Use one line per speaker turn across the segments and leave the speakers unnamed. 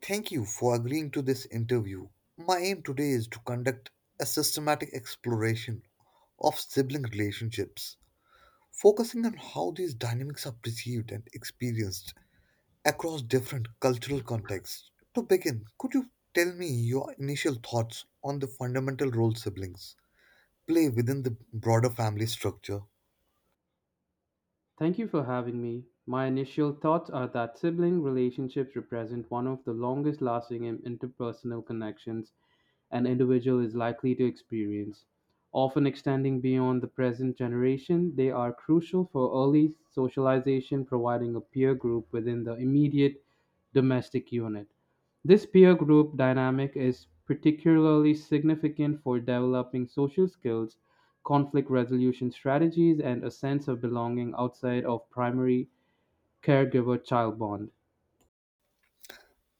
Thank you for agreeing to this interview. My aim today is to conduct a systematic exploration of sibling relationships, focusing on how these dynamics are perceived and experienced across different cultural contexts. To begin, could you tell me your initial thoughts on the fundamental role siblings play within the broader family structure?
Thank you for having me. My initial thoughts are that sibling relationships represent one of the longest lasting and interpersonal connections an individual is likely to experience. Often extending beyond the present generation, they are crucial for early socialization, providing a peer group within the immediate domestic unit. This peer group dynamic is particularly significant for developing social skills, conflict resolution strategies, and a sense of belonging outside of primary caregiver child bond.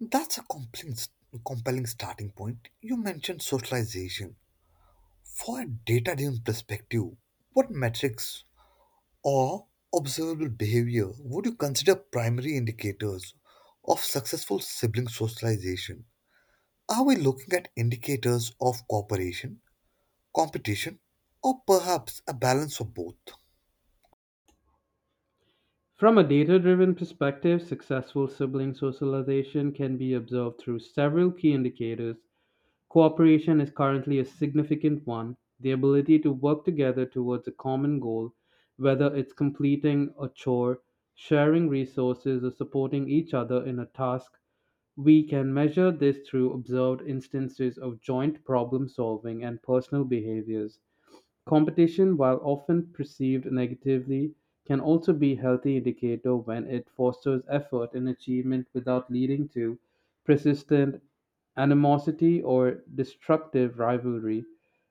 That's a complex, compelling starting point. You mentioned socialization. For a data-driven perspective, what metrics or observable behavior would you consider primary indicators of successful sibling socialization? Are we looking at indicators of cooperation, competition, or perhaps a balance of both?
From a data-driven perspective, successful sibling socialization can be observed through several key indicators. Cooperation is currently a significant one, the ability to work together towards a common goal, whether it's completing a chore, sharing resources, or supporting each other in a task. We can measure this through observed instances of joint problem solving and personal behaviors. Competition, while often perceived negatively, can also be a healthy indicator when it fosters effort and achievement without leading to persistent animosity or destructive rivalry.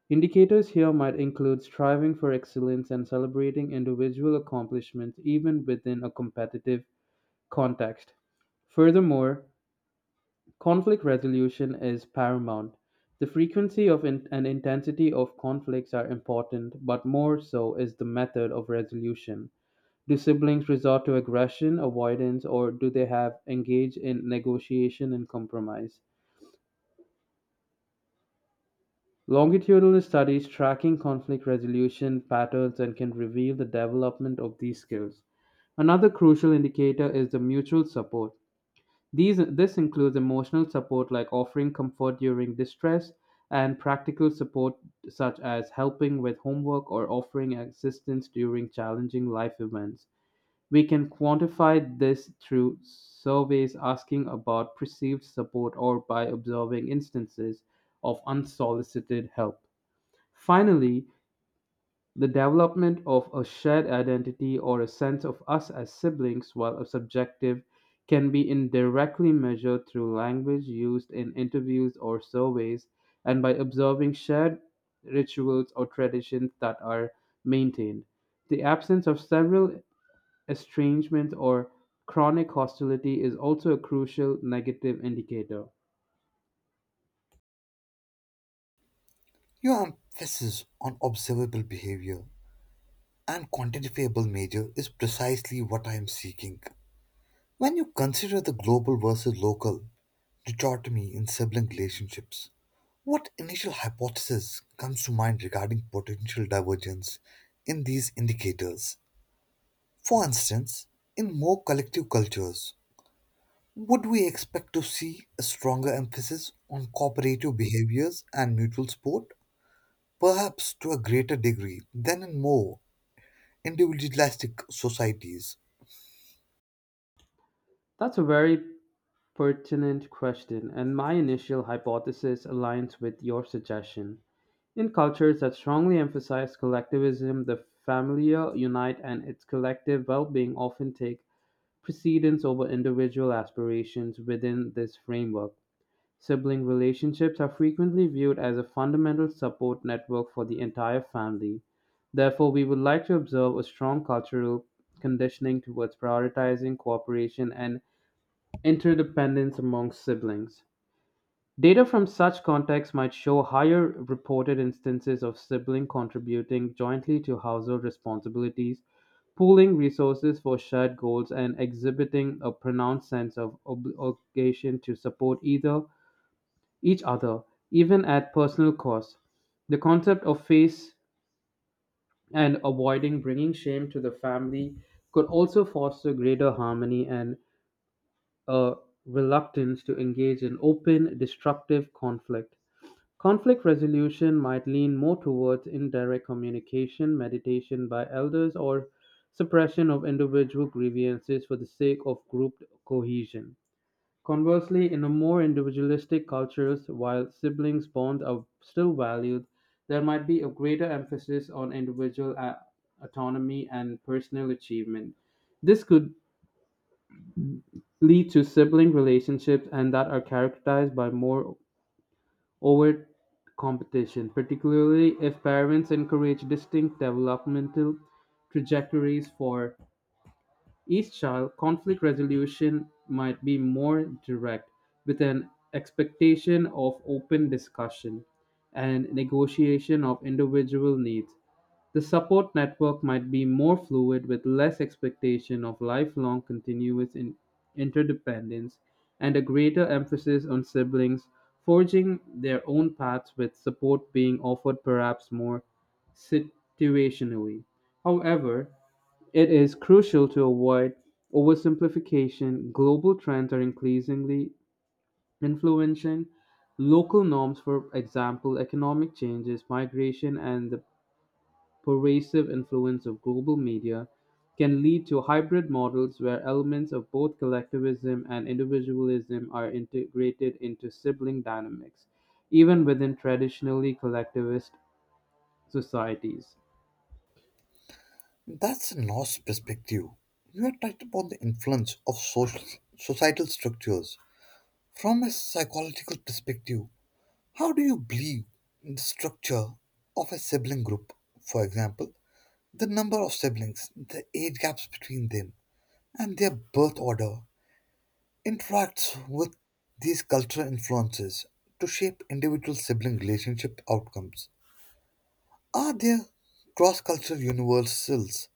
Indicators here might include striving for excellence and celebrating individual accomplishments even within a competitive context. Furthermore, conflict resolution is paramount. The frequency of and intensity of conflicts are important, but more so is the method of resolution. Do siblings resort to aggression, avoidance, or do they have engage in negotiation and compromise? Longitudinal studies tracking conflict resolution patterns and can reveal the development of these skills. Another crucial indicator is the mutual support. This includes emotional support like offering comfort during distress and practical support such as helping with homework or offering assistance during challenging life events. We can quantify this through surveys asking about perceived support or by observing instances of unsolicited help. Finally, the development of a shared identity or a sense of us as siblings, while a subjective, can be indirectly measured through language used in interviews or surveys and by observing shared rituals or traditions that are maintained. The absence of several estrangement or chronic hostility is also a crucial negative indicator.
Your emphasis on observable behavior and quantifiable measure is precisely what I am seeking. When you consider the global versus local, dichotomy in sibling relationships. What initial hypothesis comes to mind regarding potential divergence in these indicators? For instance, in more collective cultures, would we expect to see a stronger emphasis on cooperative behaviors and mutual support? Perhaps to a greater degree than in more individualistic societies.
That's a very pertinent question, and my initial hypothesis aligns with your suggestion. In cultures that strongly emphasize collectivism, the familial unit and its collective well-being often take precedence over individual aspirations within this framework. Sibling relationships are frequently viewed as a fundamental support network for the entire family. Therefore, we would like to observe a strong cultural conditioning towards prioritizing cooperation and interdependence among siblings. Data from such contexts might show higher reported instances of siblings contributing jointly to household responsibilities, pooling resources for shared goals, and exhibiting a pronounced sense of obligation to support either each other, even at personal cost. The concept of face and avoiding bringing shame to the family could also foster greater harmony and a reluctance to engage in open, destructive conflict. Conflict resolution might lean more towards indirect communication, meditation by elders, or suppression of individual grievances for the sake of group cohesion. Conversely, in a more individualistic cultures, while siblings bonds are still valued, there might be a greater emphasis on individual autonomy and personal achievement. This could lead to sibling relationships and that are characterized by more overt competition, particularly if parents encourage distinct developmental trajectories for each-child conflict resolution might be more direct, with an expectation of open discussion and negotiation of individual needs. The support network might be more fluid with less expectation of lifelong continuous interdependence and a greater emphasis on siblings forging their own paths with support being offered perhaps more situationally. However, it is crucial to avoid oversimplification. Global trends are increasingly influencing local norms, for example, economic changes, migration, and the pervasive influence of global media can lead to hybrid models where elements of both collectivism and individualism are integrated into sibling dynamics, even within traditionally collectivist societies.
That's a lost perspective. You are touched upon the influence of social, societal structures. From a psychological perspective, how do you believe in the structure of a sibling group? For example, the number of siblings, the age gaps between them, and their birth order interacts with these cultural influences to shape individual sibling relationship outcomes. Are there cross cultural universals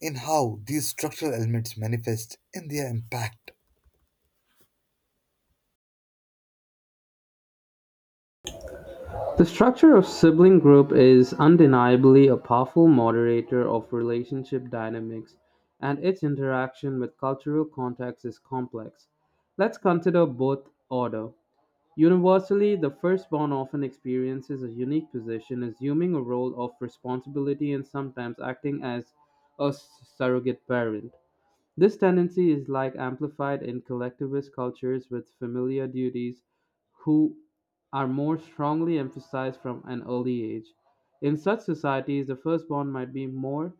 in how these structural elements manifest in their impact?
The structure of sibling group is undeniably a powerful moderator of relationship dynamics, and its interaction with cultural context is complex. Let's consider both order. Universally, the firstborn often experiences a unique position, assuming a role of responsibility and sometimes acting as a surrogate parent. This tendency is like amplified in collectivist cultures with familial duties who are more strongly emphasized from an early age. In such societies, the firstborn might be more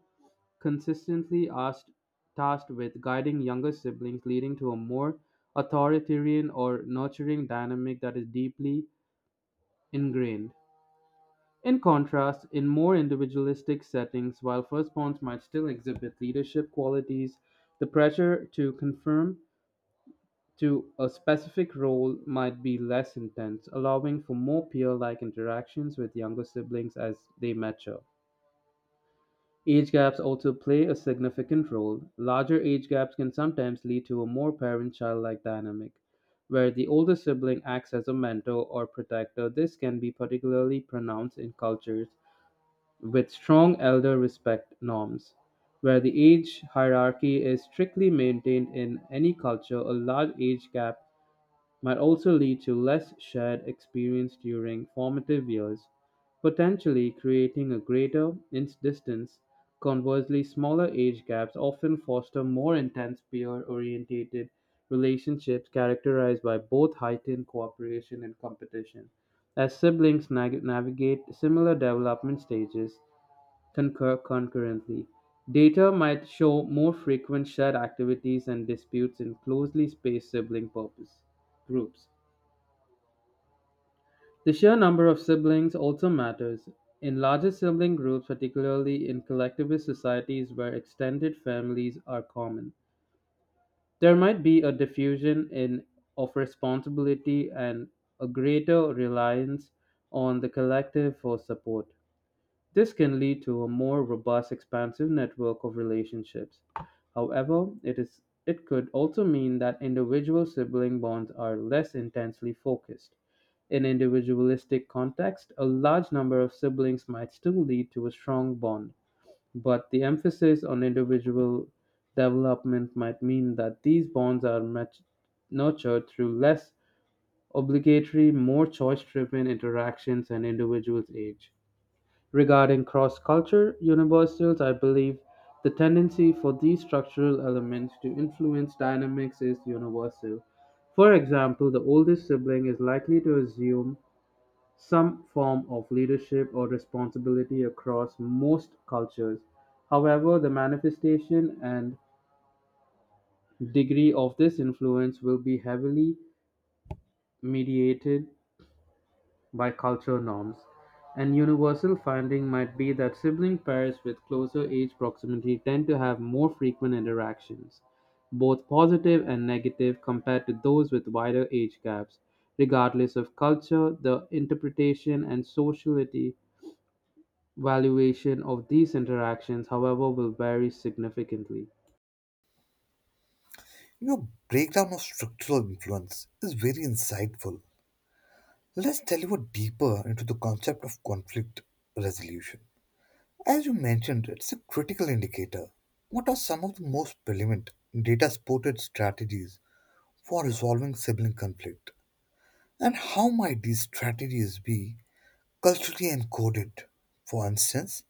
consistently asked, tasked with guiding younger siblings, leading to a more authoritarian or nurturing dynamic that is deeply ingrained. In contrast, in more individualistic settings, while firstborns might still exhibit leadership qualities, the pressure to confirm to a specific role might be less intense, allowing for more peer like interactions with younger siblings as they mature. Age gaps also play a significant role. Larger age gaps can sometimes lead to a more parent child like dynamic, where the older sibling acts as a mentor or protector. This can be particularly pronounced in cultures with strong elder respect norms. Where the age hierarchy is strictly maintained in any culture, a large age gap might also lead to less shared experience during formative years, potentially creating a greater distance. Conversely, smaller age gaps often foster more intense peer oriented relationships characterized by both heightened cooperation and competition. As siblings navigate similar development stages, concurrently. Data might show more frequent shared activities and disputes in closely spaced sibling purpose groups. The sheer number of siblings also matters. In larger sibling groups, particularly in collectivist societies where extended families are common, there might be a diffusion in of responsibility and a greater reliance on the collective for support. This can lead to a more robust expansive network of relationships. However, it could also mean that individual sibling bonds are less intensely focused. In individualistic context, a large number of siblings might still lead to a strong bond, but the emphasis on individual development might mean that these bonds are much nurtured through less obligatory, more choice driven interactions and individuals' age. Regarding cross culture universals, I believe the tendency for these structural elements to influence dynamics is universal. For example, the oldest sibling is likely to assume some form of leadership or responsibility across most cultures. However, the manifestation and degree of this influence will be heavily mediated by culture norms. An universal finding might be that sibling pairs with closer age proximity tend to have more frequent interactions, both positive and negative, compared to those with wider age gaps, regardless of culture, the interpretation, and sociality. Valuation of these interactions, however, will vary significantly.
Your breakdown of structural influence is very insightful. Let's deliver deeper into the concept of conflict resolution. As you mentioned, it's a critical indicator. What are some of the most prevalent data supported strategies for resolving sibling conflict? And how might these strategies be culturally encoded? For instance,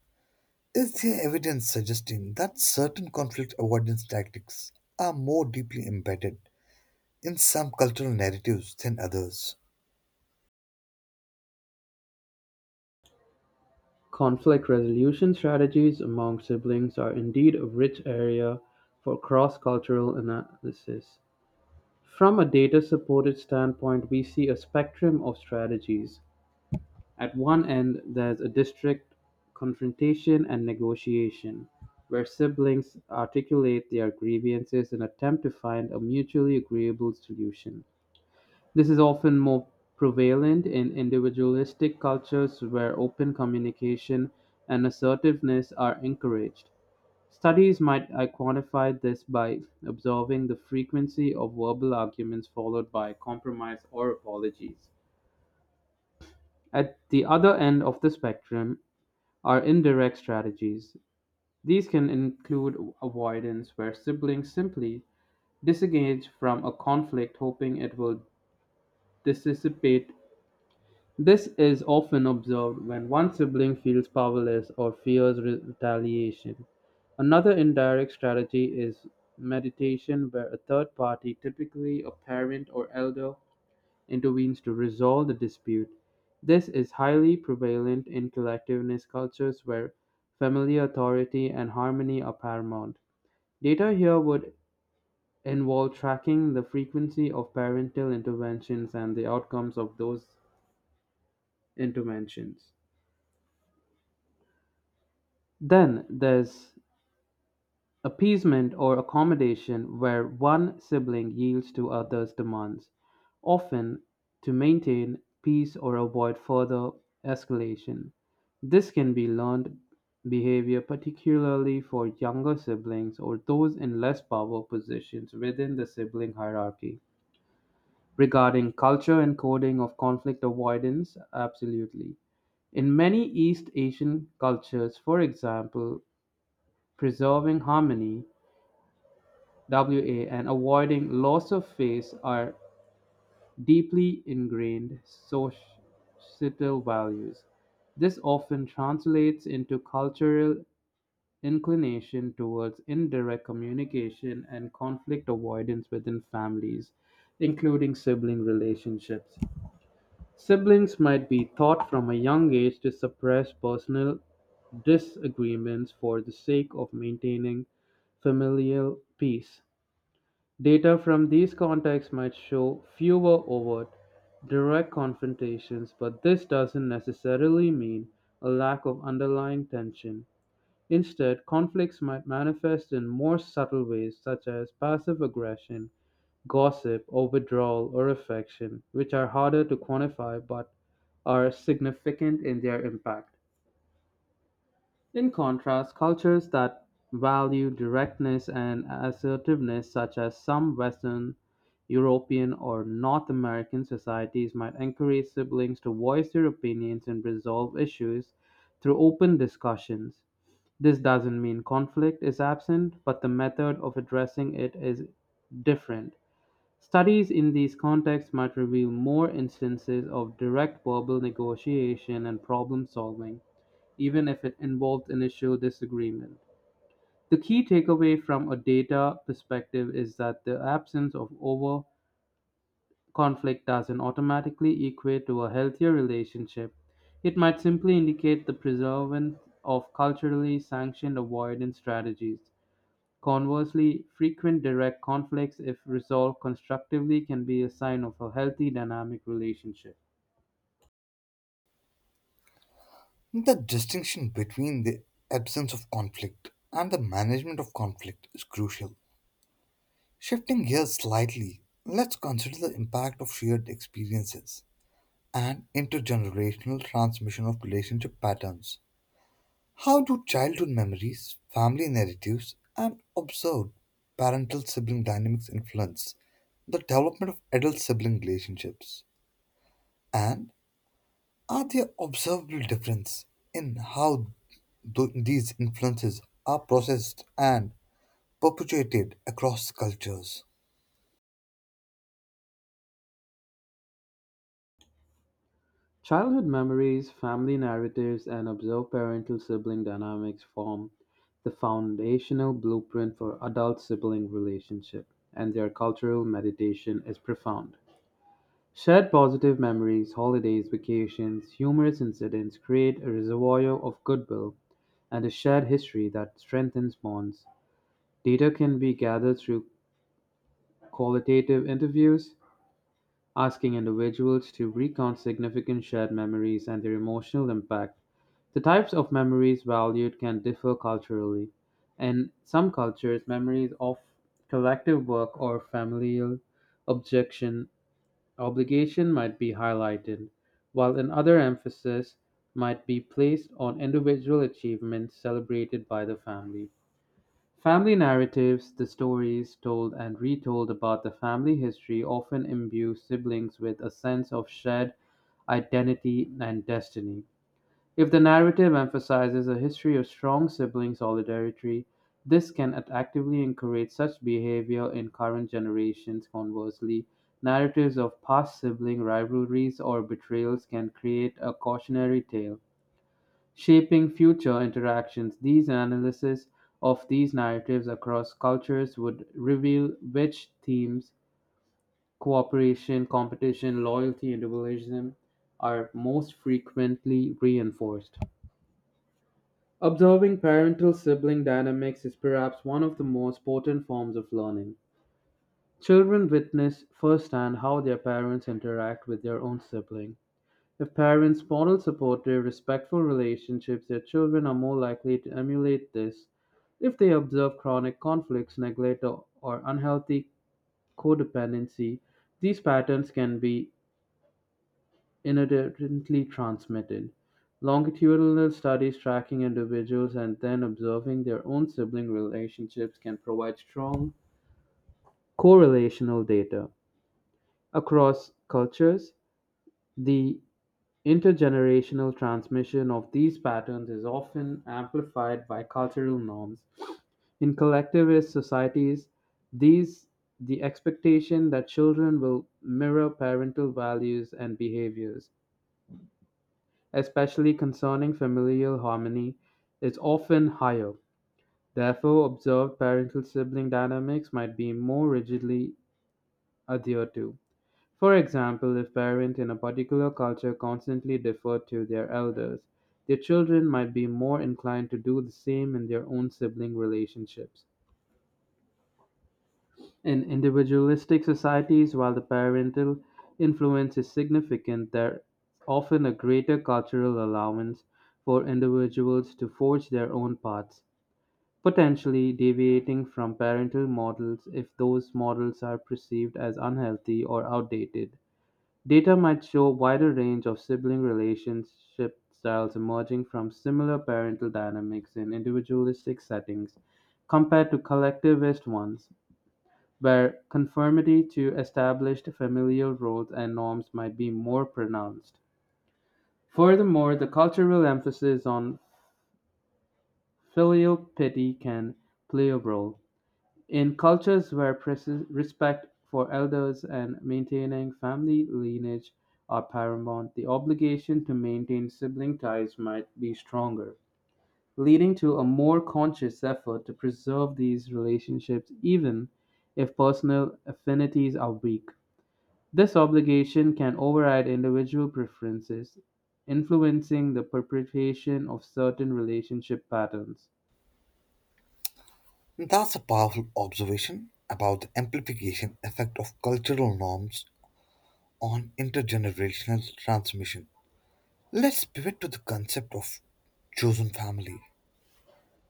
is there evidence suggesting that certain conflict avoidance tactics are more deeply embedded in some cultural narratives than others?
Conflict resolution strategies among siblings are indeed a rich area for cross cultural analysis. From a data-supported standpoint we see a spectrum of strategies. At one end there's a district confrontation and negotiation, where siblings articulate their grievances and attempt to find a mutually agreeable solution. This is often more prevalent in individualistic cultures where open communication and assertiveness are encouraged. Studies might I quantify this by observing the frequency of verbal arguments followed by compromise or apologies. At the other end of the spectrum are indirect strategies. These can include avoidance, where siblings simply disengage from a conflict, hoping it will dissipate. This is often observed when one sibling feels powerless or fears retaliation. Another indirect strategy is mediation, where a third party, typically a parent or elder, intervenes to resolve the dispute. This is highly prevalent in collectivist cultures where family authority and harmony are paramount. Data here would involve tracking the frequency of parental interventions and the outcomes of those interventions. Then there's appeasement or accommodation, where one sibling yields to others' demands, often to maintain peace or avoid further escalation. This can be learned behavior, particularly for younger siblings or those in less power positions within the sibling hierarchy. Regarding culture and coding of conflict avoidance, absolutely. In many East Asian cultures, for example, preserving harmony (WA) and avoiding loss of face are deeply ingrained societal values. This often translates into cultural inclination towards indirect communication and conflict avoidance within families, including sibling relationships. Siblings might be taught from a young age to suppress personal disagreements for the sake of maintaining familial peace. Data from these contacts might show fewer overt, direct confrontations, but this doesn't necessarily mean a lack of underlying tension. Instead, conflicts might manifest in more subtle ways, such as passive aggression, gossip, or withdrawal or affection, which are harder to quantify but are significant in their impact. In contrast, cultures that value directness and assertiveness, such as some Western European or North American societies, might encourage siblings to voice their opinions and resolve issues through open discussions. This doesn't mean conflict is absent, but the method of addressing it is different. Studies in these contexts might reveal more instances of direct verbal negotiation and problem solving even if it involved initial disagreement. The key takeaway from a data perspective is that the absence of over conflict doesn't automatically equate to a healthier relationship. It might simply indicate the preservance of culturally sanctioned avoidance strategies. Conversely, frequent direct conflicts, if resolved constructively, can be a sign of a healthy dynamic relationship.
The distinction between the absence of conflict and the management of conflict is crucial. Shifting gears slightly, let's consider the impact of shared experiences and intergenerational transmission of relationship patterns. How do childhood memories, family narratives, and observed parental sibling dynamics influence the development of adult sibling relationships? And are there observable differences in how these influences are processed and perpetuated across cultures?
Childhood memories, family narratives, and observed parental sibling dynamics form the foundational blueprint for adult sibling relationship, and their cultural meditation is profound. Shared positive memories, holidays, vacations, humorous incidents create a reservoir of goodwill and a shared history that strengthens bonds. Data can be gathered through qualitative interviews, asking individuals to recount significant shared memories and their emotional impact. The types of memories valued can differ culturally. In some cultures, memories of collective work or familial objection obligation might be highlighted, while in other emphasis might be placed on individual achievements celebrated by the family. Family narratives, the stories told and retold about the family history, often imbue siblings with a sense of shared identity and destiny. If the narrative emphasizes a history of strong sibling solidarity, this can actively encourage such behavior in current generations. Conversely, narratives of past sibling rivalries or betrayals can create a cautionary tale shaping future interactions. These analyses of these narratives across cultures would reveal which themes, cooperation, competition, loyalty, individualism, are most frequently reinforced. Observing parental sibling dynamics is perhaps one of the most potent forms of learning. Children witness firsthand how their parents interact with their own sibling. If parents model supportive, respectful relationships, their children are more likely to emulate this. If they observe chronic conflicts, neglect, or unhealthy codependency, these patterns can be inadvertently transmitted. Longitudinal studies tracking individuals and then observing their own sibling relationships can provide strong correlational data. Across cultures, the intergenerational transmission of these patterns is often amplified by cultural norms. In collectivist societies, these the expectation that children will mirror parental values and behaviors, especially concerning familial harmony, is often higher. Therefore, observed parental sibling dynamics might be more rigidly adhered to. For example, if parents in a particular culture constantly defer to their elders, their children might be more inclined to do the same in their own sibling relationships. In individualistic societies, while the parental influence is significant, there is often a greater cultural allowance for individuals to forge their own paths, potentially deviating from parental models if those models are perceived as unhealthy or outdated. Data might show wider range of sibling relationship styles emerging from similar parental dynamics in individualistic settings compared to collectivist ones, where conformity to established familial roles and norms might be more pronounced. Furthermore, the cultural emphasis on filial piety can play a role. In cultures where respect for elders and maintaining family lineage are paramount, the obligation to maintain sibling ties might be stronger, leading to a more conscious effort to preserve these relationships even if personal affinities are weak. This obligation can override individual preferences, influencing the perpetuation of certain relationship patterns.
That's a powerful observation about the amplification effect of cultural norms on intergenerational transmission. Let's pivot to the concept of chosen family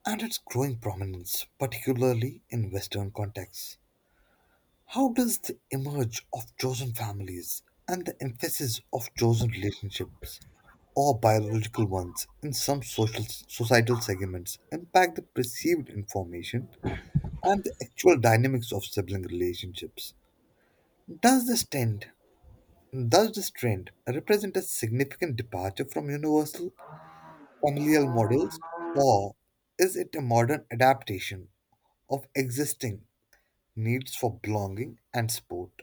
and its growing prominence, particularly in Western contexts. How does the emerge of chosen families and the emphasis of chosen relationships or biological ones in some social societal segments impact the perceived information and the actual dynamics of sibling relationships? Does this trend does this trend represent a significant departure from universal familial models, or is it a modern adaptation of existing needs for belonging and support?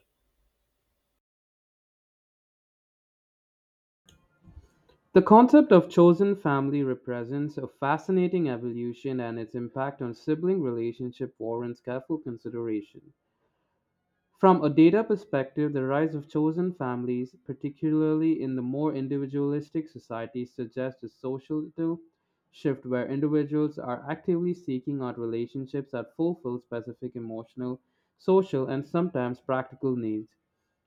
The concept of chosen family represents a fascinating evolution, and its impact on sibling relationship warrants careful consideration. From a data perspective, the rise of chosen families, particularly in the more individualistic societies, suggests a societal shift where individuals are actively seeking out relationships that fulfill specific emotional, social, and sometimes practical needs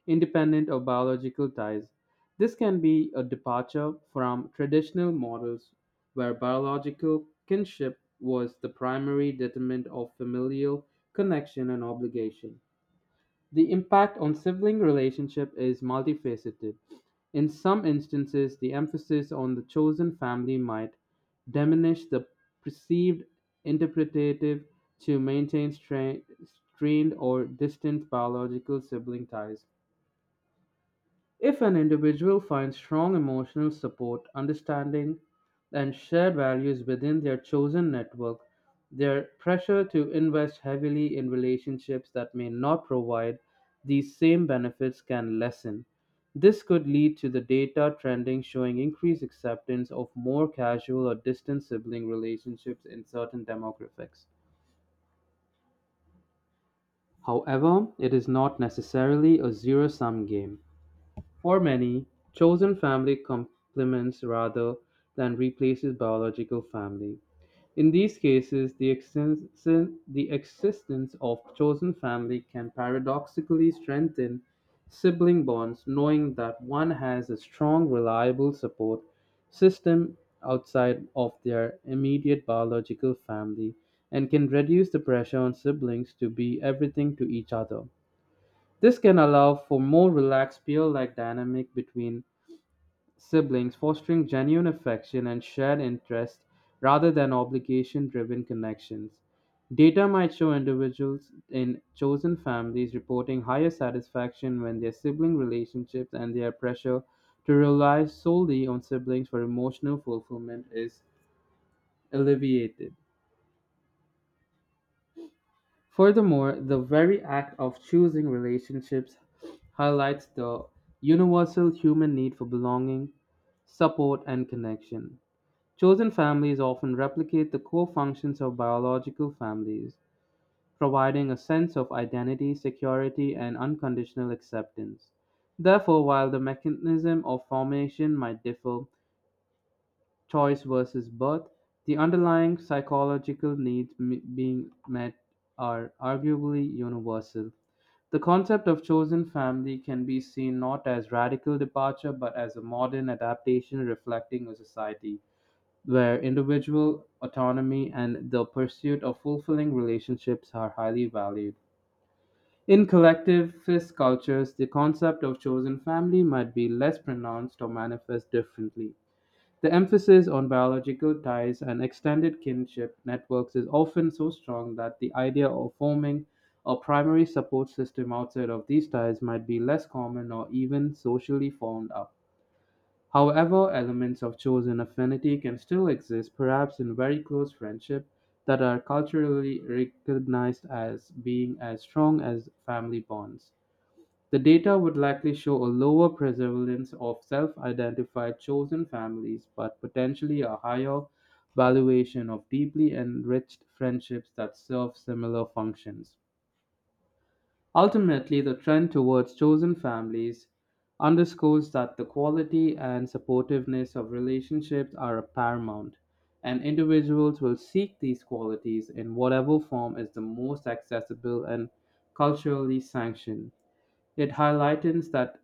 independent of biological ties. This can be a departure from traditional models where biological kinship was the primary determinant of familial connection and obligation. The impact on sibling relationship is multifaceted. In some instances, the emphasis on the chosen family might diminish the perceived interpretative to maintain strained or distant biological sibling ties. If an individual finds strong emotional support, understanding, and shared values within their chosen network, their pressure to invest heavily in relationships that may not provide these same benefits can lessen. This could lead to the data trending showing increased acceptance of more casual or distant sibling relationships in certain demographics. However, it is not necessarily a zero sum game. For many, chosen family complements rather than replaces biological family. In these cases, the existence of chosen family can paradoxically strengthen sibling bonds, knowing that one has a strong, reliable support system outside of their immediate biological family and can reduce the pressure on siblings to be everything to each other. This can allow for more relaxed peer like dynamic between siblings, fostering genuine affection and shared interest rather than obligation driven connections. Data might show individuals in chosen families reporting higher satisfaction when their sibling relationships and their pressure to rely solely on siblings for emotional fulfillment is alleviated. Furthermore, the very act of choosing relationships highlights the universal human need for belonging, support, and connection. Chosen families often replicate the core functions of biological families, providing a sense of identity, security, and unconditional acceptance. Therefore, while the mechanism of formation might differ, choice versus birth, the underlying psychological needs being met are arguably universal. The concept of chosen family can be seen not as radical departure but as a modern adaptation reflecting a society where individual autonomy and the pursuit of fulfilling relationships are highly valued. In collectivist cultures, the concept of chosen family might be less pronounced or manifest differently. The emphasis on biological ties and extended kinship networks is often so strong that the idea of forming a primary support system outside of these ties might be less common or even socially formed up. However, elements of chosen affinity can still exist, perhaps in very close friendship, that are culturally recognized as being as strong as family bonds. The data would likely show a lower prevalence of self-identified chosen families, but potentially a higher valuation of deeply enriched friendships that serve similar functions. Ultimately, the trend towards chosen families underscores that the quality and supportiveness of relationships are paramount, and individuals will seek these qualities in whatever form is the most accessible and culturally sanctioned. It highlights that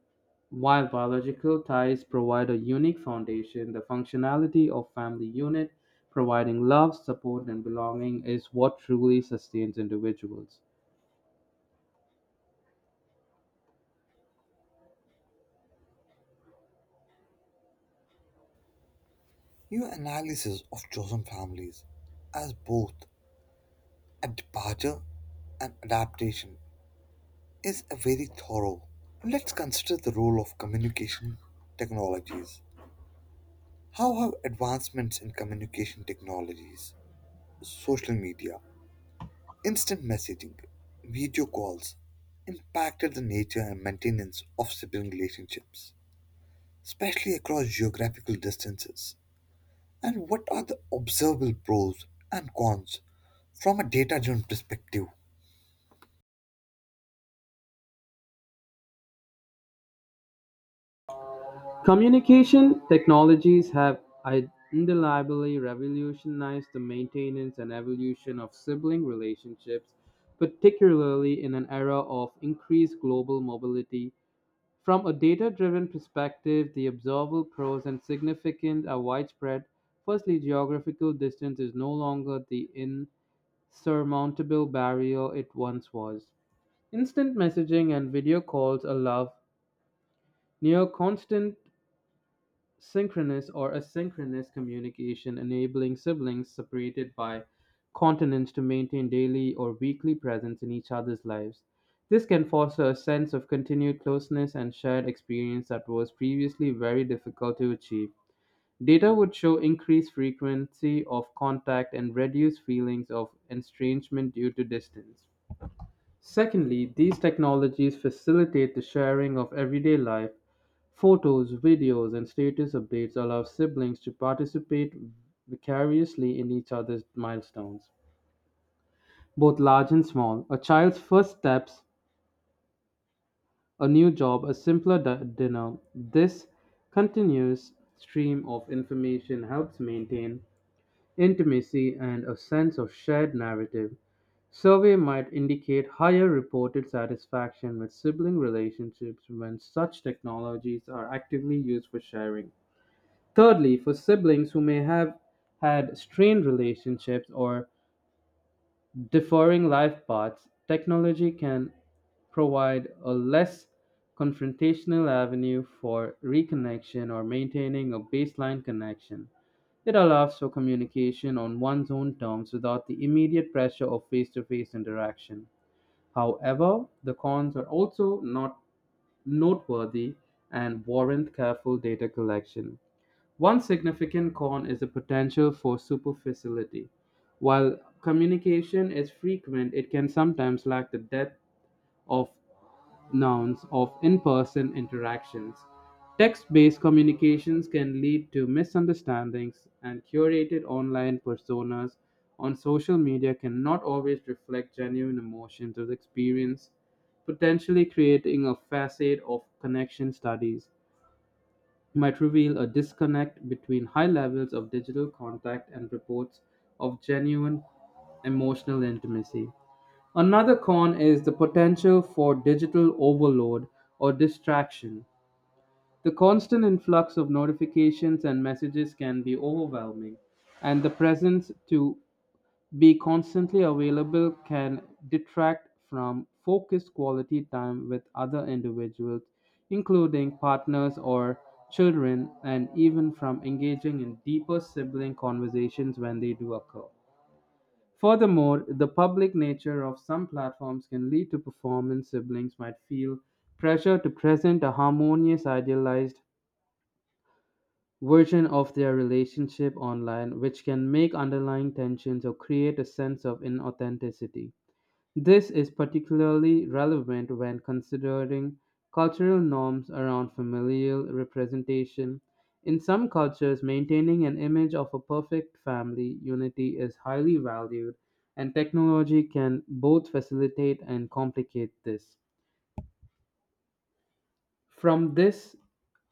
while biological ties provide a unique foundation, the functionality of family unit, providing love, support, and belonging, is what truly sustains individuals.
Your analysis of chosen families as both a departure and adaptation is very thorough. Let's consider the role of communication technologies. How have advancements in communication technologies, social media, instant messaging, video calls impacted the nature and maintenance of sibling relationships, especially across geographical distances? And what are the observable pros and cons from a data driven perspective?
Communication technologies have undeniably revolutionized the maintenance and evolution of sibling relationships, particularly in an era of increased global mobility. From a data-driven perspective, the observable pros and significant are widespread. Firstly, geographical distance is no longer the insurmountable barrier it once was. Instant messaging and video calls allow near constant synchronous or asynchronous communication enabling siblings separated by continents to maintain daily or weekly presence in each other's lives. This can foster a sense of continued closeness and shared experience that was previously very difficult to achieve. Data would show increased frequency of contact and reduced feelings of estrangement due to distance. Secondly, these technologies facilitate the sharing of everyday life. Photos, videos, and status updates allow siblings to participate vicariously in each other's milestones, both large and small. A child's first steps, a new job, a simpler dinner. This continuous stream of information helps maintain intimacy and a sense of shared narrative. Survey might indicate higher reported satisfaction with sibling relationships when such technologies are actively used for sharing. Thirdly, for siblings who may have had strained relationships or differing life paths, technology can provide a less confrontational avenue for reconnection or maintaining a baseline connection. It allows for communication on one's own terms without the immediate pressure of face to face interaction. However, the cons are also not noteworthy and warrant careful data collection. One significant con is the potential for superficiality. While communication is frequent, it can sometimes lack the depth of nouns of in person interactions. Text based communications can lead to misunderstandings, and curated online personas on social media cannot always reflect genuine emotions or experience, potentially creating a facade of connection. Studies might reveal a disconnect between high levels of digital contact and reports of genuine emotional intimacy. Another con is the potential for digital overload or distraction. The constant influx of notifications and messages can be overwhelming, and the presence to be constantly available can detract from focused quality time with other individuals, including partners or children, and even from engaging in deeper sibling conversations when they do occur. Furthermore, the public nature of some platforms can lead to performance. Siblings might feel pressure to present a harmonious, idealized version of their relationship online, which can make underlying tensions or create a sense of inauthenticity. This is particularly relevant when considering cultural norms around familial representation. In some cultures, maintaining an image of a perfect family unity is highly valued, and technology can both facilitate and complicate this. From this,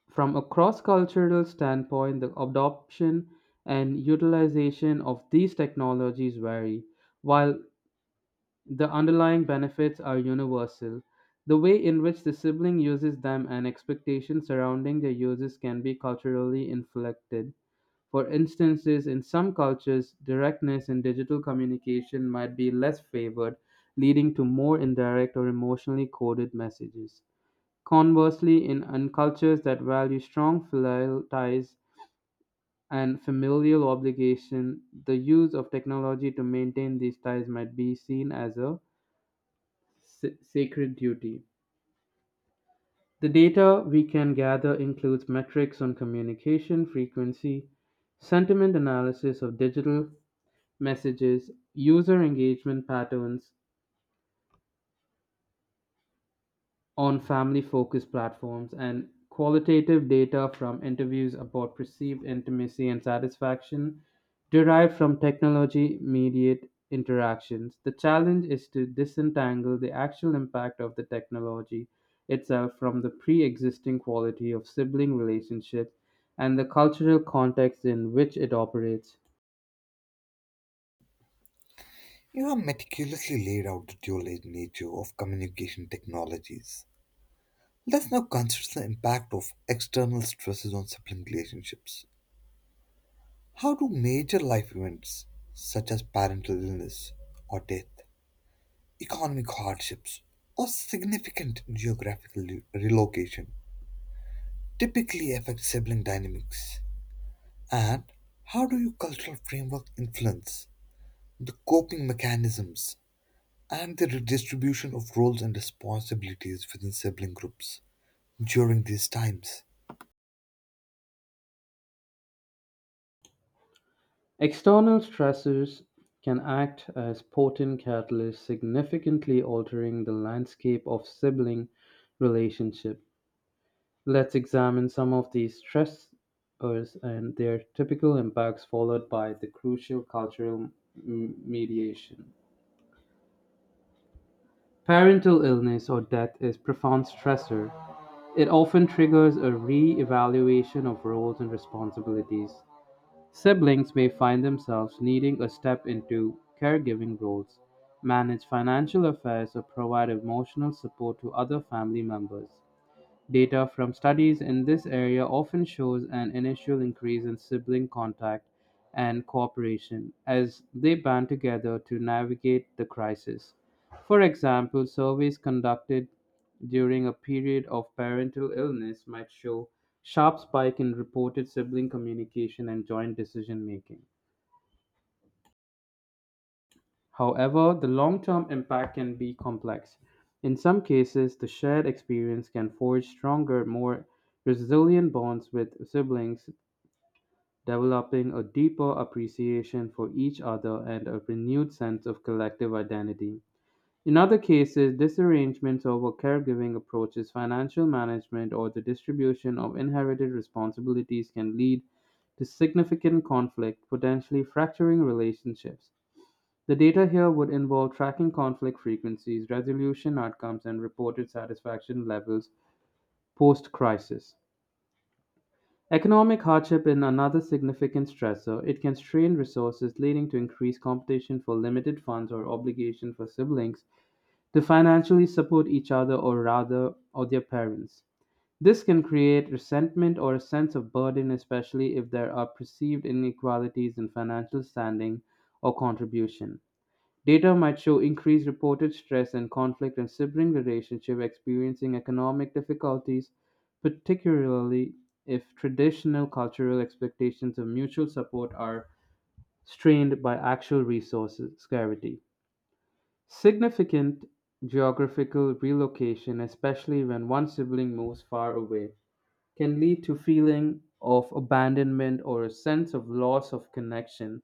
from a cross-cultural standpoint, the adoption and utilization of these technologies vary. While The underlying benefits are universal. The way in which the sibling uses them and expectations surrounding their uses can be culturally inflected. For instances, in some cultures, directness in digital communication might be less favored, leading to more indirect or emotionally coded messages. Conversely, in cultures that value strong filial ties and familial obligation, the use of technology to maintain these ties might be seen as a sacred duty. The data we can gather includes metrics on communication frequency, sentiment analysis of digital messages, user engagement patterns, on family-focused platforms, and qualitative data from interviews about perceived intimacy and satisfaction derived from technology-mediated interactions. The challenge is to disentangle the actual impact of the technology itself from the pre-existing quality of sibling relationships and the cultural context in which it operates.
You have meticulously laid out the dual nature of communication technologies. Let's now consider the impact of external stresses on sibling relationships. How do major life events, such as parental illness or death, economic hardships, or significant geographical relocation, typically affect sibling dynamics? And how do your cultural framework influence the coping mechanisms and the redistribution of roles and responsibilities within sibling groups during these times?
External stressors can act as potent catalysts, significantly altering the landscape of sibling relationship. Let's examine some of these stressors and their typical impacts, followed by the crucial cultural mediation. Parental illness or death is profound stressor. It often triggers a re-evaluation of roles and responsibilities. Siblings may find themselves needing to step into caregiving roles, manage financial affairs, or provide emotional support to other family members. Data from studies in this area often shows an initial increase in sibling contact and cooperation as they band together to navigate the crisis. For example, surveys conducted during a period of parental illness might show sharp spike in reported sibling communication and joint decision making. However, the long term impact can be complex. In some cases, the shared experience can forge stronger, more resilient bonds with siblings, developing a deeper appreciation for each other and a renewed sense of collective identity. In other cases, disarrangements over caregiving approaches, financial management, or the distribution of inherited responsibilities can lead to significant conflict, potentially fracturing relationships. The data here would involve tracking conflict frequencies, resolution outcomes, and reported satisfaction levels post-crisis. Economic hardship is another significant stressor. It can strain resources, leading to increased competition for limited funds or obligation for siblings to financially support each other or rather or their parents. This can create resentment or a sense of burden, especially if there are perceived inequalities in financial standing or contribution. Data might show increased reported stress and conflict in sibling relationship experiencing economic difficulties, particularly if traditional cultural expectations of mutual support are strained by actual resources scarcity. Significant geographical relocation, especially when one sibling moves far away, can lead to feeling of abandonment or a sense of loss of connection.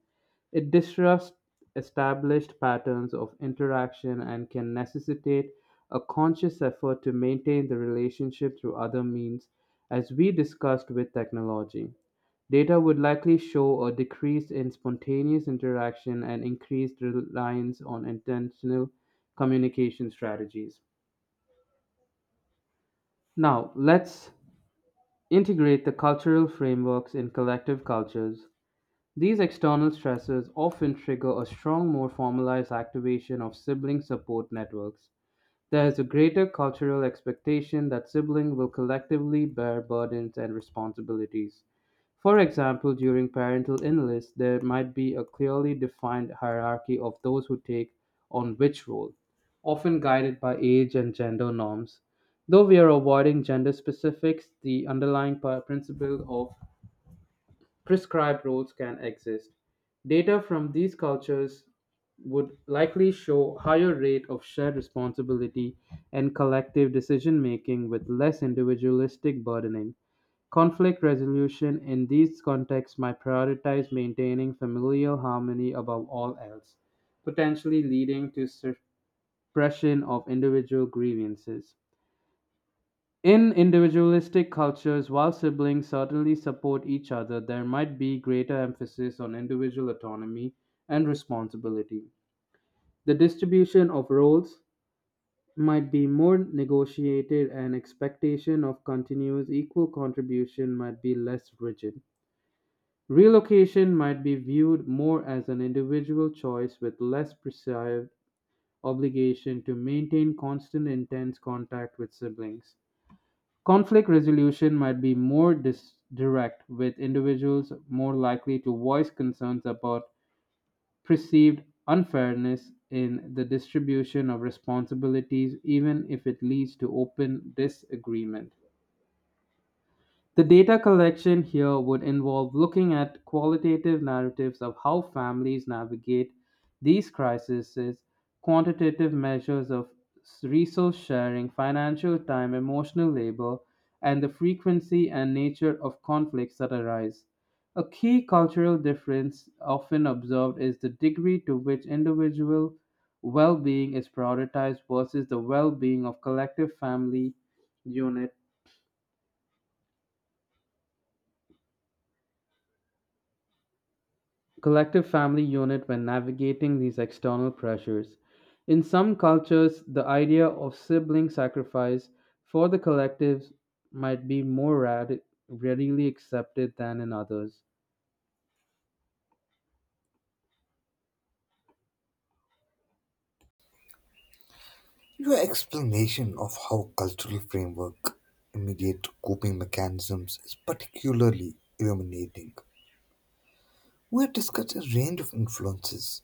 It disrupts established patterns of interaction and can necessitate a conscious effort to maintain the relationship through other means, as we discussed with technology. Data would likely show a decrease in spontaneous interaction and increased reliance on intentional communication strategies. Now, let's integrate the cultural frameworks in collective cultures. These external stresses often trigger a strong, more formalized activation of sibling support networks. There is a greater cultural expectation that siblings will collectively bear burdens and responsibilities. For example, during parental illness, there might be a clearly defined hierarchy of those who take on which role, often guided by age and gender norms. Though we are avoiding gender specifics, the underlying principle of prescribed roles can exist. Data from these cultures would likely show higher rate of shared responsibility and collective decision making with less individualistic burdening. Conflict resolution in these contexts might prioritize maintaining familial harmony above all else, potentially leading to suppression of individual grievances. In individualistic cultures, while siblings certainly support each other, there might be greater emphasis on individual autonomy and responsibility. The distribution of roles might be more negotiated and expectation of continuous equal contribution might be less rigid. Relocation might be viewed more as an individual choice with less prescribed obligation to maintain constant intense contact with siblings. Conflict resolution might be more direct, with individuals more likely to voice concerns about perceived unfairness in the distribution of responsibilities, even if it leads to open disagreement. The data collection here would involve looking at qualitative narratives of how families navigate these crises, quantitative measures of resource sharing, financial time, emotional labor, and the frequency and nature of conflicts that arise. A key cultural difference often observed is the degree to which individual well being is prioritized versus the well being of collective family unit unit when navigating these external pressures. In some cultures, the idea of sibling sacrifice for the collectives might be more readily accepted than in others.
Your explanation of how cultural framework immediate coping mechanisms is particularly illuminating. We have discussed a range of influences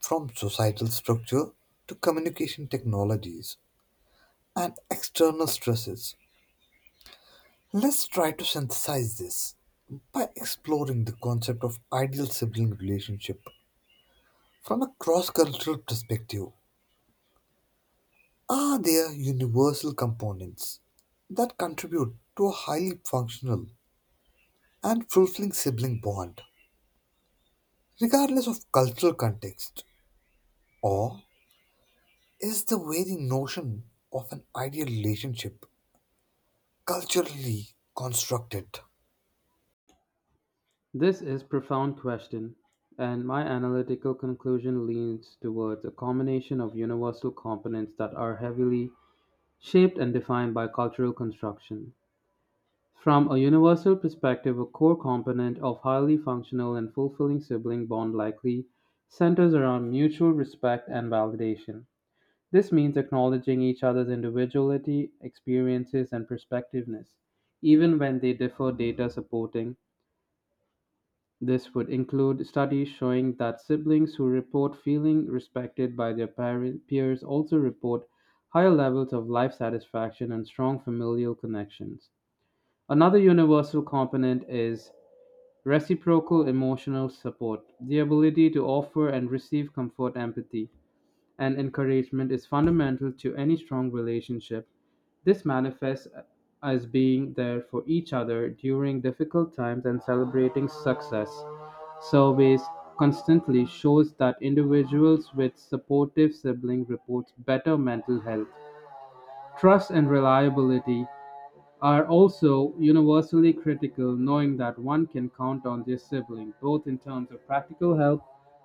from societal structure to communication technologies and external stresses. Let's try to synthesize this by exploring the concept of ideal sibling relationship from a cross-cultural perspective. Are there universal components that contribute to a highly functional and fulfilling sibling bond, regardless of cultural context? Or is the very notion of an ideal relationship culturally constructed?
This is profound question, and my analytical conclusion leans towards a combination of universal components that are heavily shaped and defined by cultural construction. From a universal perspective, a core component of highly functional and fulfilling sibling bond likely centers around mutual respect and validation. This means acknowledging each other's individuality, experiences, and perspectiveness, even when they differ data supporting. This would include studies showing that siblings who report feeling respected by their parent, peers also report higher levels of life satisfaction and strong familial connections. Another universal component is reciprocal emotional support, the ability to offer and receive comfort, empathy, and encouragement, is fundamental to any strong relationship. This manifests as being there for each other during difficult times and celebrating success. Surveys constantly shows that individuals with supportive sibling report better mental health, trust and reliability, are also universally critical, knowing that one can count on their sibling, both in terms of practical help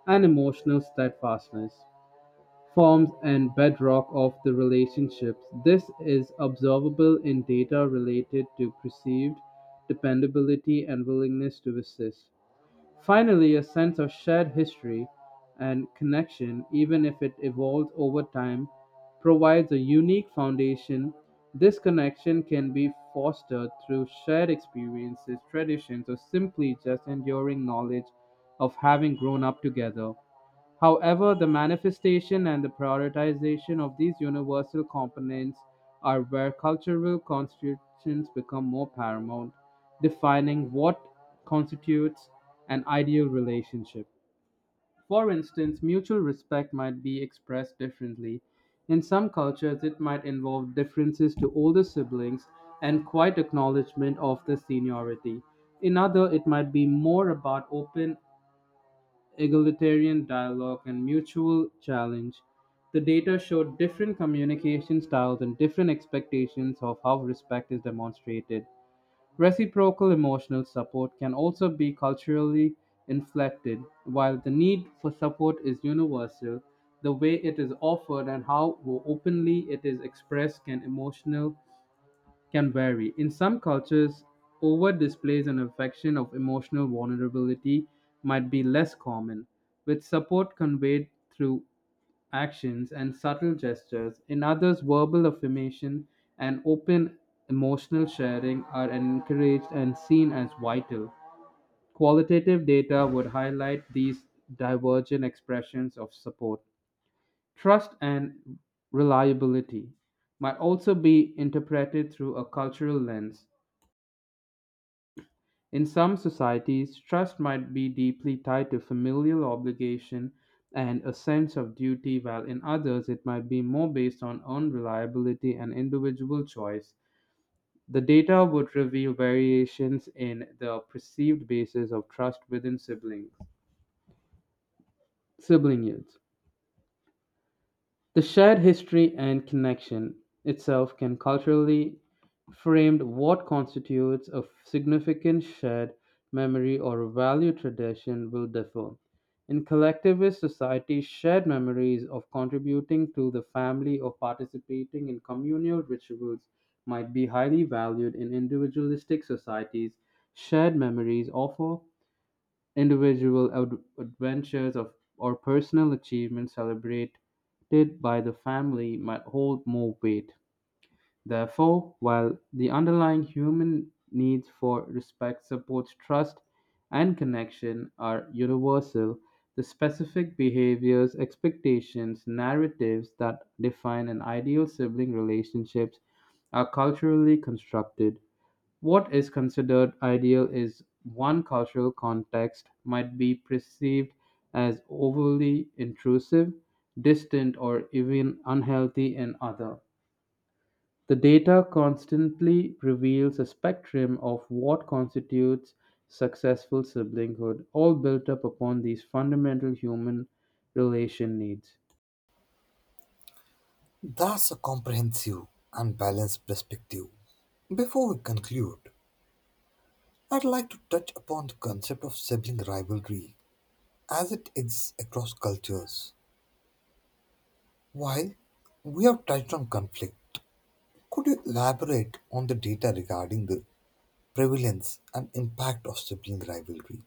and emotional steadfastness, forms and bedrock of the relationships. This is observable in data related to perceived dependability and willingness to assist. Finally, a sense of shared history and connection, even if it evolves over time, provides a unique foundation. This connection can be fostered through shared experiences, traditions, or simply just enduring knowledge of having grown up together. However, the manifestation and the prioritization of these universal components are where cultural constitutions become more paramount, defining what constitutes an ideal relationship. For instance, mutual respect might be expressed differently. In some cultures, it might involve differences to older siblings and quiet acknowledgement of the seniority. In other, it might be more about open egalitarian dialogue, and mutual challenge. The data showed different communication styles and different expectations of how respect is demonstrated. Reciprocal emotional support can also be culturally inflected. While the need for support is universal, the way it is offered and how openly it is expressed can emotional can vary. In some cultures, over displays and affection of emotional vulnerability might be less common, with support conveyed through actions and subtle gestures. In others, verbal affirmation and open emotional sharing are encouraged and seen as vital. Qualitative data would highlight these divergent expressions of support. Trust and reliability might also be interpreted through a cultural lens. In some societies, trust might be deeply tied to familial obligation and a sense of duty, while in others it might be more based on own reliability and individual choice. The data would reveal variations in the perceived basis of trust within sibling units. The shared history and connection itself can culturally framed what constitutes a significant shared memory or value tradition will differ. In collectivist societies, shared memories of contributing to the family or participating in communal rituals might be highly valued in individualistic societies. Shared memories offer individual adventures of, or personal achievements celebrated by the family might hold more weight. Therefore, while the underlying human needs for respect, support, trust, and connection are universal, the specific behaviors, expectations, narratives that define an ideal sibling relationships are culturally constructed. What is considered ideal is one cultural context might be perceived as overly intrusive, distant, or even unhealthy in other. The data constantly reveals a spectrum of what constitutes successful siblinghood, all built up upon these fundamental human relation needs.
That's a comprehensive and balanced perspective. Before we conclude, I'd like to touch upon the concept of sibling rivalry as it exists across cultures. While we have touched on conflict, could you elaborate on the data regarding the prevalence and impact of sibling rivalry?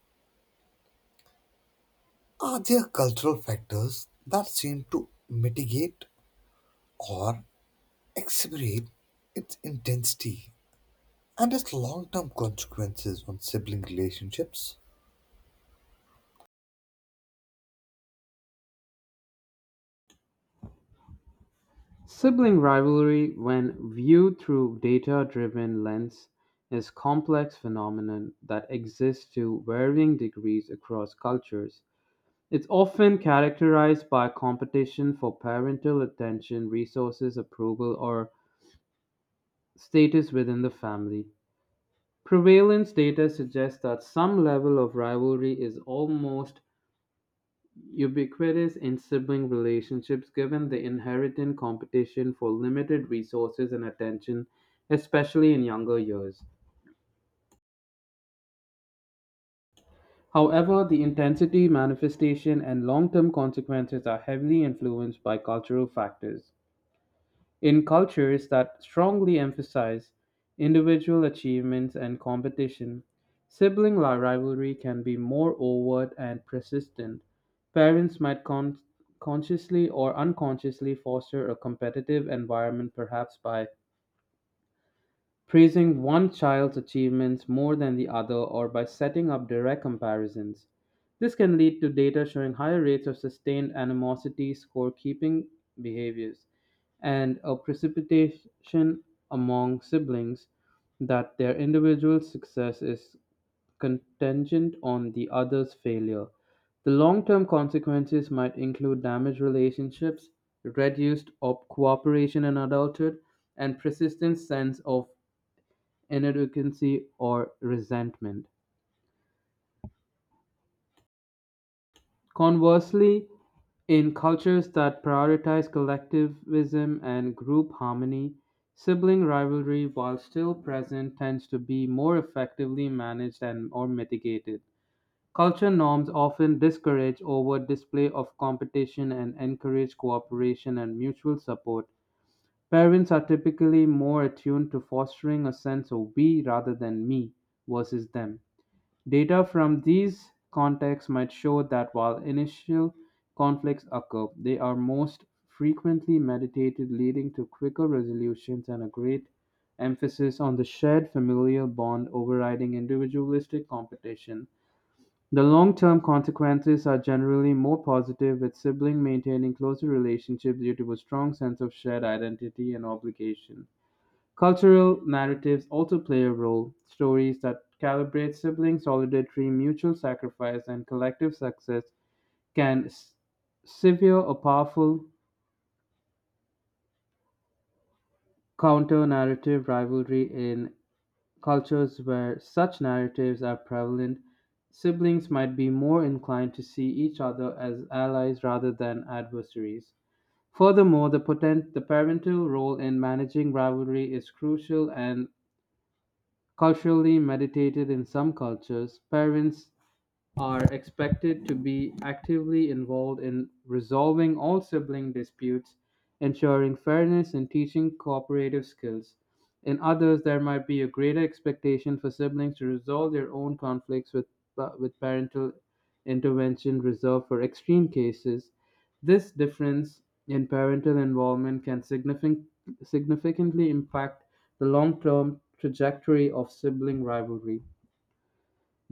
Are there cultural factors that seem to mitigate or exacerbate its intensity and its long term consequences on sibling relationships?
Sibling rivalry, when viewed through data-driven lens, is complex phenomenon that exists to varying degrees across cultures. It's often characterized by competition for parental attention, resources, approval, or status within the family. Prevalence data suggests that some level of rivalry is almost ubiquitous in sibling relationships given the inherent competition for limited resources and attention, especially in younger years. However, the intensity, manifestation, and long term consequences are heavily influenced by cultural factors. In cultures that strongly emphasize individual achievements and competition, sibling rivalry can be more overt and persistent. Parents might consciously or unconsciously foster a competitive environment, perhaps by praising one child's achievements more than the other or by setting up direct comparisons. This can lead to data showing higher rates of sustained animosity, scorekeeping behaviors, and a precipitation among siblings that their individual success is contingent on the other's failure. The long term consequences might include damaged relationships, reduced cooperation in adulthood, and persistent sense of inadequacy, or resentment. Conversely, in cultures that prioritize collectivism and group harmony, sibling rivalry, while still present, tends to be more effectively managed and or mitigated. Culture norms often discourage over display of competition and encourage cooperation and mutual support. Parents are typically more attuned to fostering a sense of we rather than me versus them. Data from these contexts might show that while initial conflicts occur, they are most frequently mediated, leading to quicker resolutions and a great emphasis on the shared familial bond overriding individualistic competition. The long term consequences are generally more positive, with siblings maintaining closer relationships due to a strong sense of shared identity and obligation. Cultural narratives also play a role: stories that calibrate sibling solidarity, mutual sacrifice, and collective success can sever a powerful counter-narrative rivalry in cultures where such narratives are prevalent. Siblings might be more inclined to see each other as allies rather than adversaries. Furthermore, the parental role in managing rivalry is crucial and culturally meditated. In some cultures, parents are expected to be actively involved in resolving all sibling disputes, ensuring fairness, and teaching cooperative skills. In others, there might be a greater expectation for siblings to resolve their own conflicts, with parental intervention reserved for extreme cases. This difference in parental involvement can significantly impact the long term trajectory of sibling rivalry.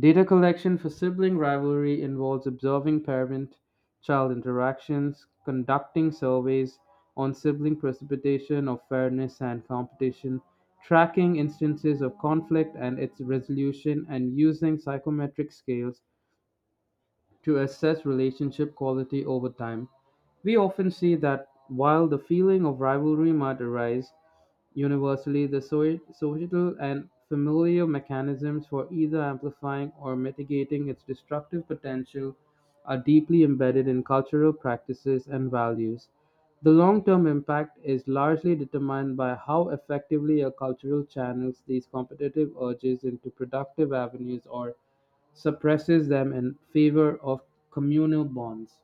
Data collection for sibling rivalry involves observing parent-child interactions, conducting surveys on sibling precipitation of fairness and competition, tracking instances of conflict and its resolution, and using psychometric scales to assess relationship quality over time. We often see that while the feeling of rivalry might arise universally, the societal and familiar mechanisms for either amplifying or mitigating its destructive potential are deeply embedded in cultural practices and values. The long term impact is largely determined by how effectively a cultural channels these competitive urges into productive avenues or suppresses them in favor of communal bonds.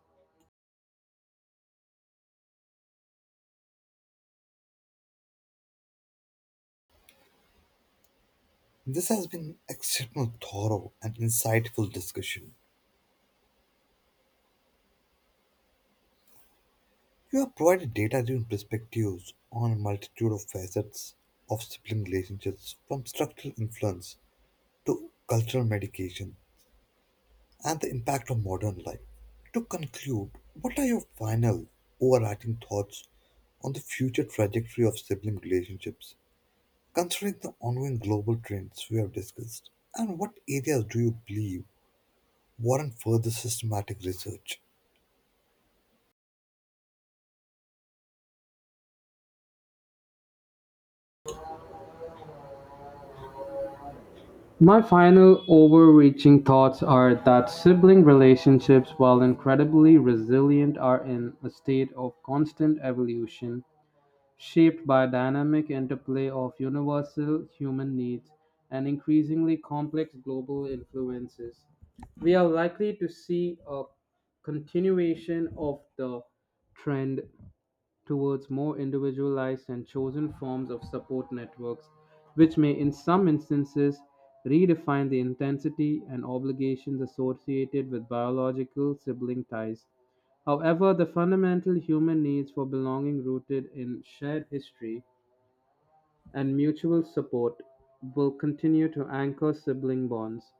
This has been an exceptional, thorough, and insightful discussion. You have provided data driven perspectives on a multitude of facets of sibling relationships, from structural influence to cultural medication and the impact on modern life. To conclude, what are your final overarching thoughts on the future trajectory of sibling relationships, considering the ongoing global trends we have discussed? And what areas do you believe warrant further systematic research?
My final overreaching thoughts are that sibling relationships, while incredibly resilient, are in a state of constant evolution, shaped by dynamic interplay of universal human needs and increasingly complex global influences. We are likely to see a continuation of the trend towards more individualized and chosen forms of support networks, which may in some instances redefine the intensity and obligations associated with biological sibling ties. However, the fundamental human needs for belonging, rooted in shared history and mutual support, will continue to anchor sibling bonds.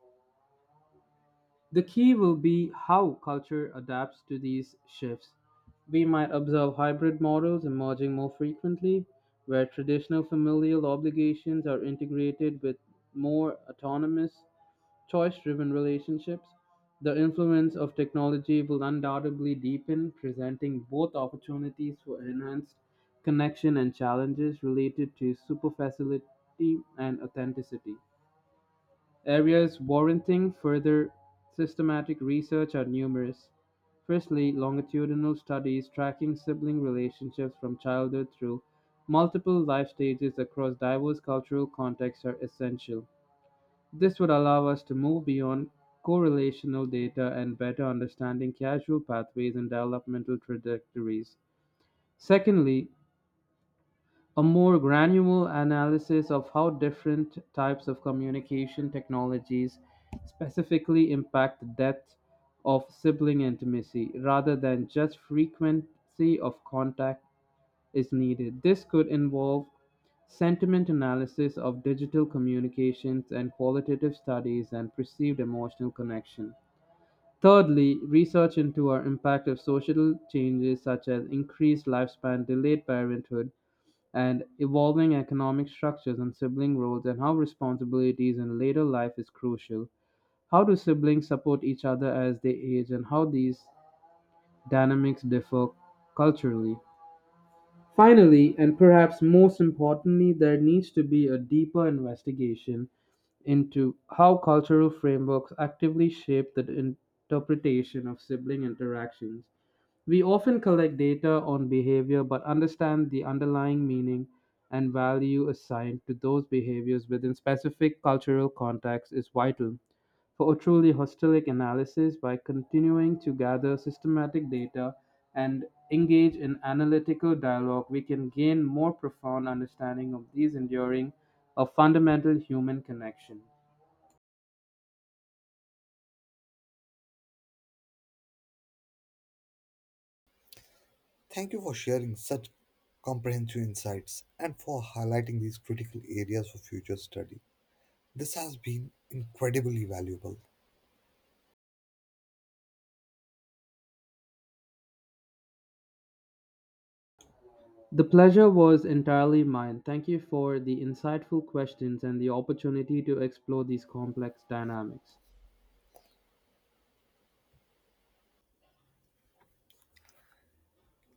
The key will be how culture adapts to these shifts. We might observe hybrid models emerging more frequently, where traditional familial obligations are integrated with more autonomous, choice driven relationships. The influence of technology will undoubtedly deepen, presenting both opportunities for enhanced connection and challenges related to superficiality and authenticity. Areas warranting further systematic research are numerous. Firstly, longitudinal studies tracking sibling relationships from childhood through multiple life stages across diverse cultural contexts are essential. This would allow us to move beyond correlational data and better understanding causal pathways and developmental trajectories. Secondly, a more granular analysis of how different types of communication technologies specifically impact the depth of sibling intimacy rather than just frequency of contact is needed. This could involve sentiment analysis of digital communications and qualitative studies and perceived emotional connection. Thirdly, research into our impact of social changes such as increased lifespan, delayed parenthood, and evolving economic structures and sibling roles and how responsibilities in later life is crucial. How do siblings support each other as they age, and how these dynamics differ culturally? Finally, and perhaps most importantly, there needs to be a deeper investigation into how cultural frameworks actively shape the interpretation of sibling interactions. We often collect data on behavior but understand the underlying meaning and value assigned to those behaviors within specific cultural contexts is vital for a truly holistic analysis. By continuing to gather systematic data and engage in analytical dialogue, we can gain more profound understanding of these enduring a fundamental human connection.
Thank you for sharing such comprehensive insights and for highlighting these critical areas for future study. This has been incredibly valuable.
The pleasure was entirely mine. Thank you for the insightful questions and the opportunity to explore these complex dynamics.